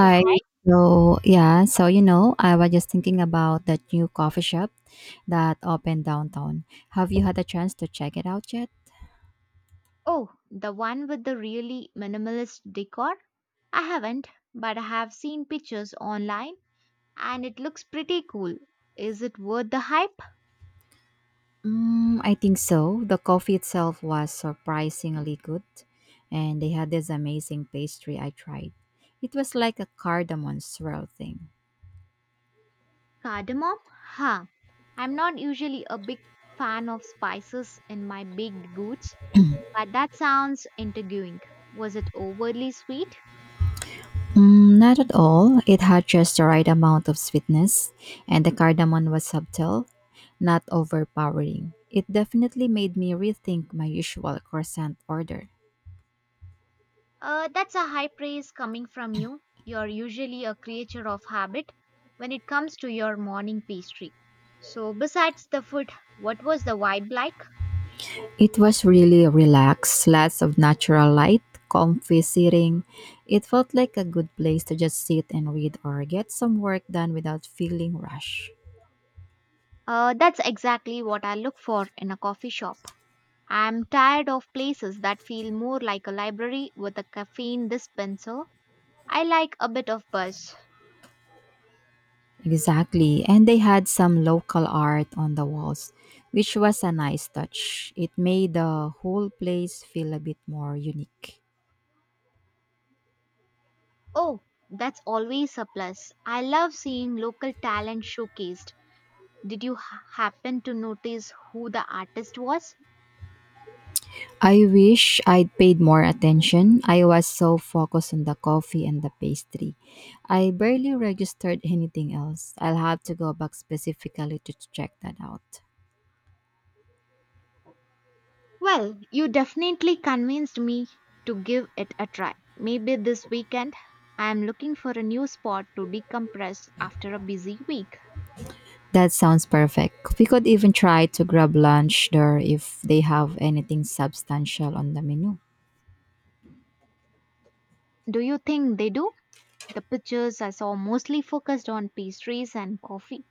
Yeah, hi. I was just thinking about that new coffee shop that opened downtown. Have you had a chance to check it out yet? Oh, the one with the really minimalist decor? I haven't, but I have seen pictures online and it looks pretty cool. Is it worth the hype? Mm, I think so. The coffee itself was surprisingly good, and they had this amazing pastry I tried. It was like a cardamom swirl thing. Cardamom? Huh. I'm not usually a big fan of spices in my baked goods, but that sounds intriguing. Was it overly sweet? Mm, not at all. It had just the right amount of sweetness, and the cardamom was subtle, not overpowering. It definitely made me rethink my usual croissant order. That's a high praise coming from you. You're usually a creature of habit when it comes to your morning pastry. So, besides the food, what was the vibe like? It was really relaxed, lots of natural light, comfy seating. It felt like a good place to just sit and read or get some work done without feeling rushed. That's exactly what I look for in a coffee shop. I'm tired of places that feel more like a library with a caffeine dispenser. I like a bit of buzz. Exactly. And they had some local art on the walls, which was a nice touch. It made the whole place feel a bit more unique. Oh, that's always a plus. I love seeing local talent showcased. Did you happen to notice who the artist was? I wish I'd paid more attention. I was so focused on the coffee and the pastry. I barely registered anything else. I'll have to go back specifically to check that out. Well, you definitely convinced me to give it a try. Maybe this weekend I am looking for a new spot to decompress after a busy week. That sounds perfect. We could even try to grab lunch there if they have anything substantial on the menu. Do you think they do? The pictures I saw mostly focused on pastries and coffee.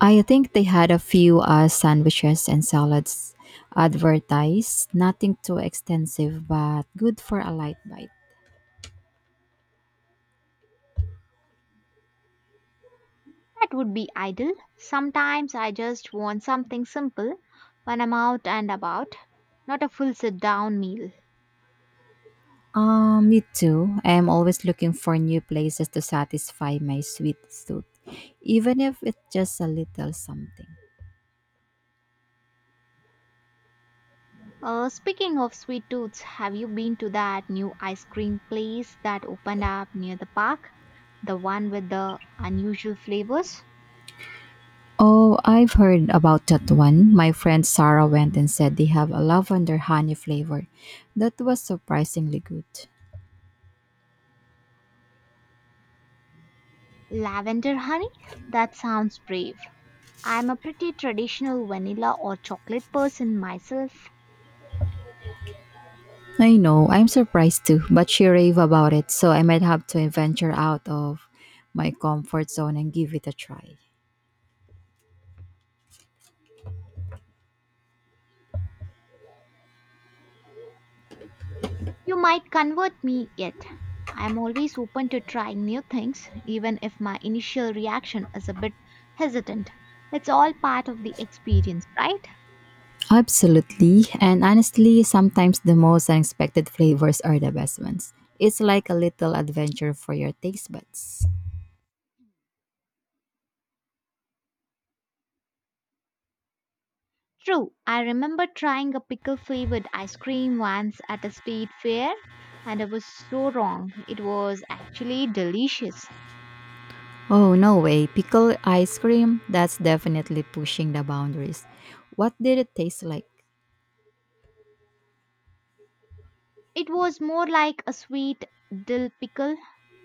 I think they had a few sandwiches and salads advertised. Nothing too extensive, but good for a light bite. That would be ideal. Sometimes I just want something simple when I'm out and about, not a full sit down meal. Me too. I am always looking for new places to satisfy my sweet tooth, even if it's just a little something. Speaking of sweet tooths, have you been to that new ice cream place that opened up near the park? The one with the unusual flavors? Oh, I've heard about that one. My friend Sarah went and said they have a lavender honey flavor. That was surprisingly good. Lavender honey? That sounds brave. I'm a pretty traditional vanilla or chocolate person myself. I know, I'm surprised too, but she raved about it, so I might have to venture out of my comfort zone and give it a try. You might convert me yet. I'm always open to trying new things, even if my initial reaction is a bit hesitant. It's all part of the experience, right? Absolutely, and honestly, sometimes the most unexpected flavors are the best ones. It's like a little adventure for your taste buds. True, I remember trying a pickle flavored ice cream once at a state fair, and I was so wrong. It was actually delicious. Oh, no way, pickle ice cream? That's definitely pushing the boundaries. What did it taste like? It was more like a sweet dill pickle,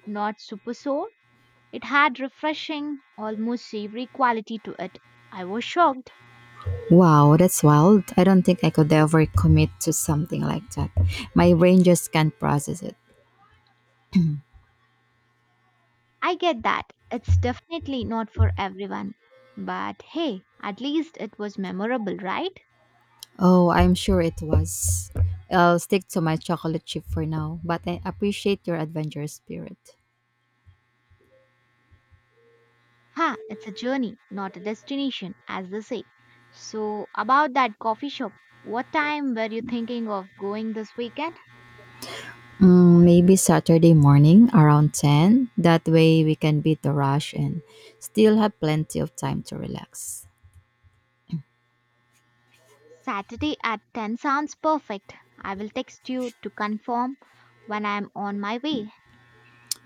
not super sour. It had refreshing, almost savory quality to it. I was shocked. Wow, that's wild. I don't think I could ever commit to something like that. My brain just can't process it. I get that. It's definitely not for everyone. But hey, at least it was memorable, right? Oh, I'm sure it was. I'll stick to my chocolate chip for now, but I appreciate your adventurous spirit. Ha, it's a journey, not a destination, as they say. So, about that coffee shop, what time were you thinking of going this weekend? Mm, maybe Saturday morning around 10. That way we can beat the rush and still have plenty of time to relax. Saturday at 10 sounds perfect. I will text you to confirm when I am on my way.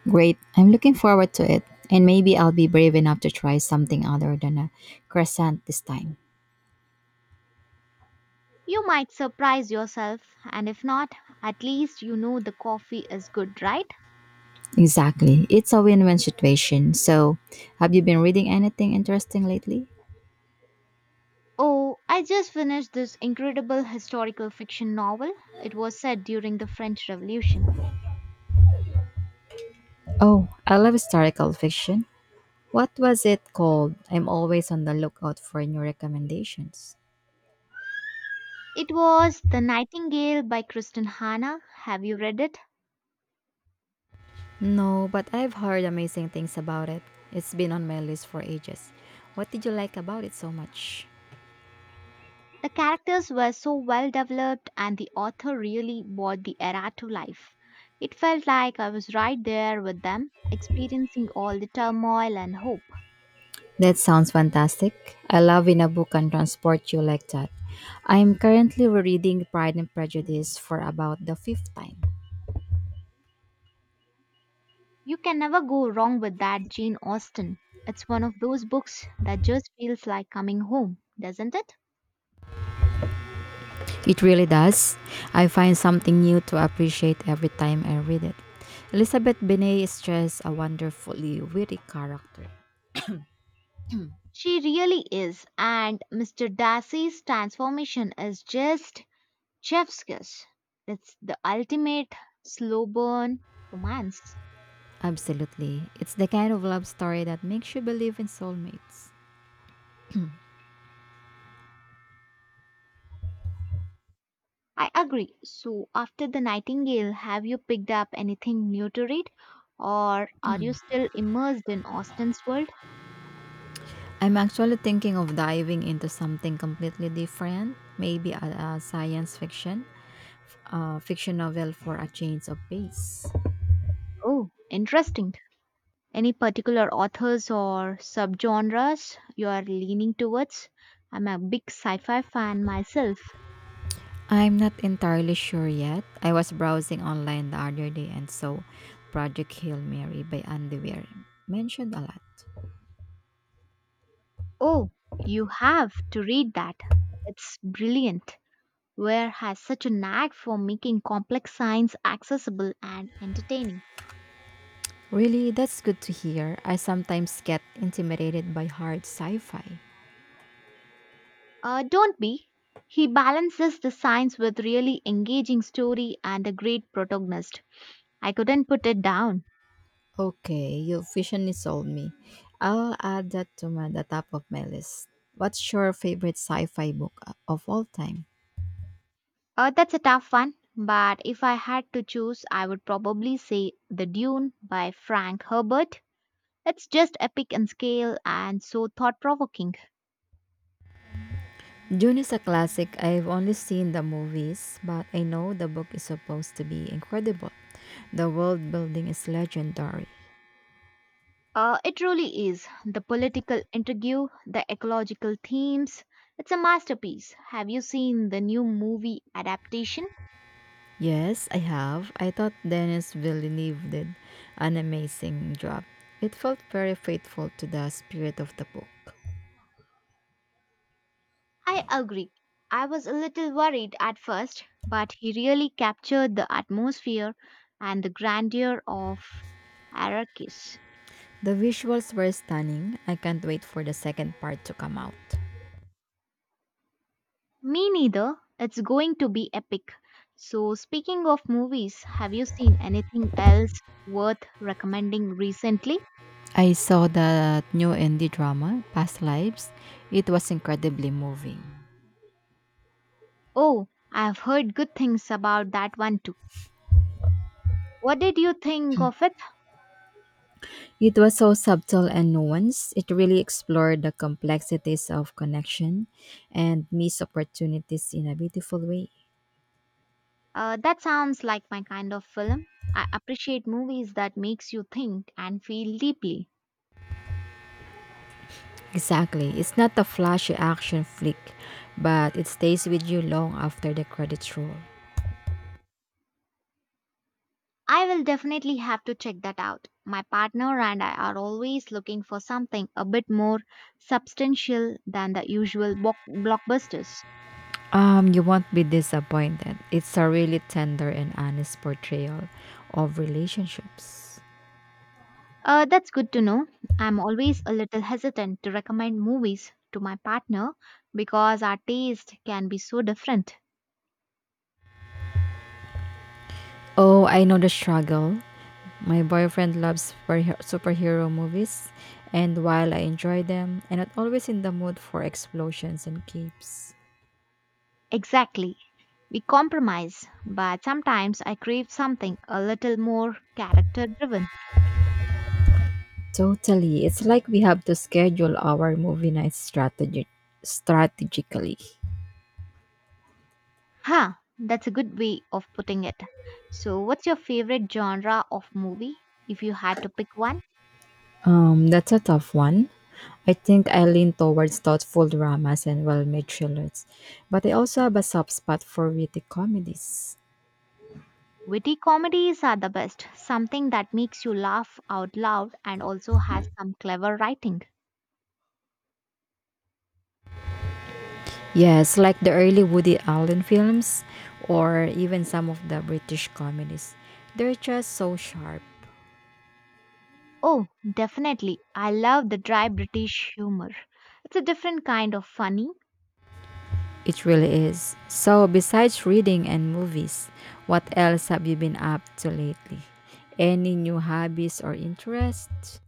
Great. I'm looking forward to it. And maybe I'll be brave enough to try something other than a crescent this time. You might surprise yourself, and if not, at least you know the coffee is good, right? Exactly. It's a win win situation. So, have you been reading anything interesting lately? Oh, I just finished this incredible historical fiction novel. It was set during the French Revolution. Oh, I love historical fiction. What was it called? I'm always on the lookout for new recommendations. It was The Nightingale by Kristen Hanna. Have you read it? No, but I've heard amazing things about it. It's been on my list for ages. What did you like about it so much? The characters were so well developed and the author really brought the era to life. It felt like I was right there with them, experiencing all the turmoil and hope. That sounds fantastic. I love when a book can transport you like that. I'm currently rereading Pride and Prejudice for about the fifth time. You can never go wrong with that Jane Austen. It's one of those books that just feels like coming home, doesn't it? It really does. I find something new to appreciate every time I read it. Elizabeth Bennet is just a wonderfully witty character. She really is, and Mr. Darcy's transformation is just Chef's Kiss. It's the ultimate slow burn romance. Absolutely. It's the kind of love story that makes you believe in soulmates. I agree. So, after The Nightingale, have you picked up anything new to read? Or are you still immersed in Austen's world? I'm actually thinking of diving into something completely different, maybe a science fiction novel for a change of pace. Oh, interesting. Any particular authors or subgenres you are leaning towards? I'm a big sci fi fan myself. I'm not entirely sure yet. I was browsing online the other day and saw Project Hail Mary by Andy Weir mentioned a lot. Oh, you have to read that. It's brilliant. Where has such a knack for making complex science accessible and entertaining. Really, that's good to hear. I sometimes get intimidated by hard sci fi. Don't be. He balances the science with really engaging story and a great protagonist. I couldn't put it down. Okay, your vision is sold me. I'll add that to the top of my list. What's your favorite sci-fi book of all time? That's a tough one, but if I had to choose, I would probably say The Dune by Frank Herbert. It's just epic in scale and so thought provoking. Dune is a classic. I've only seen the movies, but I know the book is supposed to be incredible. The world building is legendary. It really is. The political intrigue, the ecological themes. It's a masterpiece. Have you seen the new movie adaptation? Yes, I have. I thought Dennis Villeneuve did an amazing job. It felt very faithful to the spirit of the book. I agree. I was a little worried at first, but he really captured the atmosphere and the grandeur of Arrakis. The visuals were stunning. I can't wait for the second part to come out. Me neither. It's going to be epic. So, speaking of movies, have you seen anything else worth recommending recently? I saw that new indie drama, Past Lives. It was incredibly moving. Oh, I've heard good things about that one too. What did you think of it? It was so subtle and nuanced. It really explored the complexities of connection and missed opportunities in a beautiful way. That sounds like my kind of film. I appreciate movies that makes you think and feel deeply. Exactly. It's not a flashy action flick, but it stays with you long after the credits roll. I will definitely have to check that out. My partner and I are always looking for something a bit more substantial than the usual blockbusters. You won't be disappointed. It's a really tender and honest portrayal of relationships. That's good to know. I'm always a little hesitant to recommend movies to my partner because our taste can be so different. Oh, I know the struggle. My boyfriend loves superhero movies, and while I enjoy them, I'm not always in the mood for explosions and capes. Exactly. We compromise, but sometimes I crave something a little more character driven. Totally. It's like we have to schedule our movie night strategically. Huh, that's a good way of putting it. So, what's your favorite genre of movie? If you had to pick one, That's a tough one. I think I lean towards thoughtful dramas and well made thrillers, but I also have a soft spot for witty comedies. witty comedies are the best, something that makes you laugh out loud and also has some clever writing. Yes, like the early Woody Allen films or even some of the British comedies. They're just so sharp. Oh, definitely. I love the dry British humor. It's a different kind of funny. It really is. So, besides reading and movies, what else have you been up to lately? Any new hobbies or interests?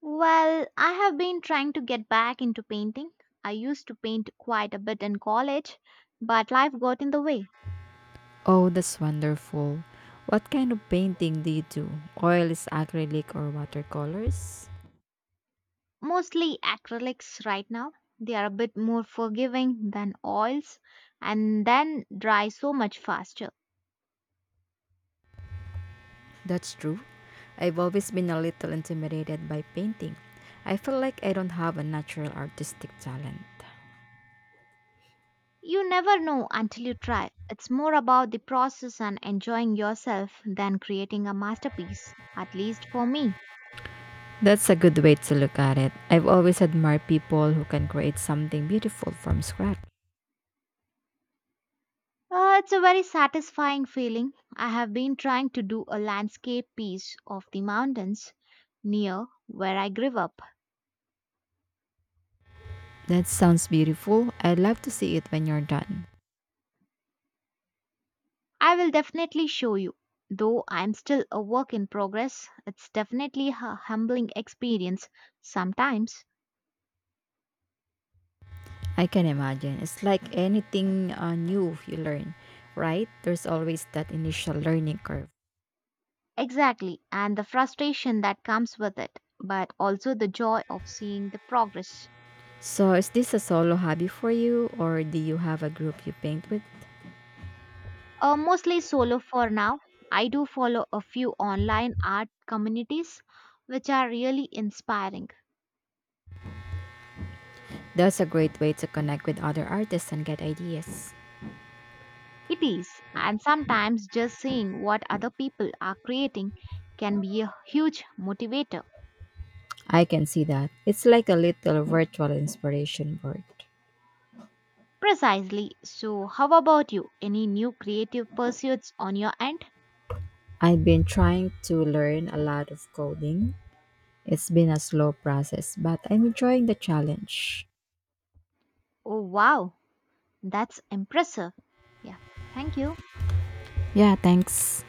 Well, I have been trying to get back into painting. I used to paint quite a bit in college, but life got in the way. Oh, that's wonderful. What kind of painting do you do? Oils, acrylic, or watercolors? Mostly acrylics right now. They are a bit more forgiving than oils and then dry so much faster. That's true. I've always been a little intimidated by painting. I feel like I don't have a natural artistic talent. You never know until you try. It's more about the process and enjoying yourself than creating a masterpiece, at least for me. That's a good way to look at it. I've always admired people who can create something beautiful from scratch. It's a very satisfying feeling. I have been trying to do a landscape piece of the mountains near where I grew up. That sounds beautiful. I'd love to see it when you're done. I will definitely show you. Though I'm still a work in progress, it's definitely a humbling experience sometimes. I can imagine. It's like anything new you learn, right? There's always that initial learning curve. Exactly, and the frustration that comes with it, but also the joy of seeing the progress. So, is this a solo hobby for you, or do you have a group you paint with? Mostly solo for now. I do follow a few online art communities which are really inspiring. That's a great way to connect with other artists and get ideas. It is, and sometimes just seeing what other people are creating can be a huge motivator. I can see that. It's like a little virtual inspiration board. Precisely. So, how about you? Any new creative pursuits on your end? I've been trying to learn a lot of coding. It's been a slow process, but I'm enjoying the challenge. Oh, wow, that's impressive. Yeah, thank you. Yeah, thanks.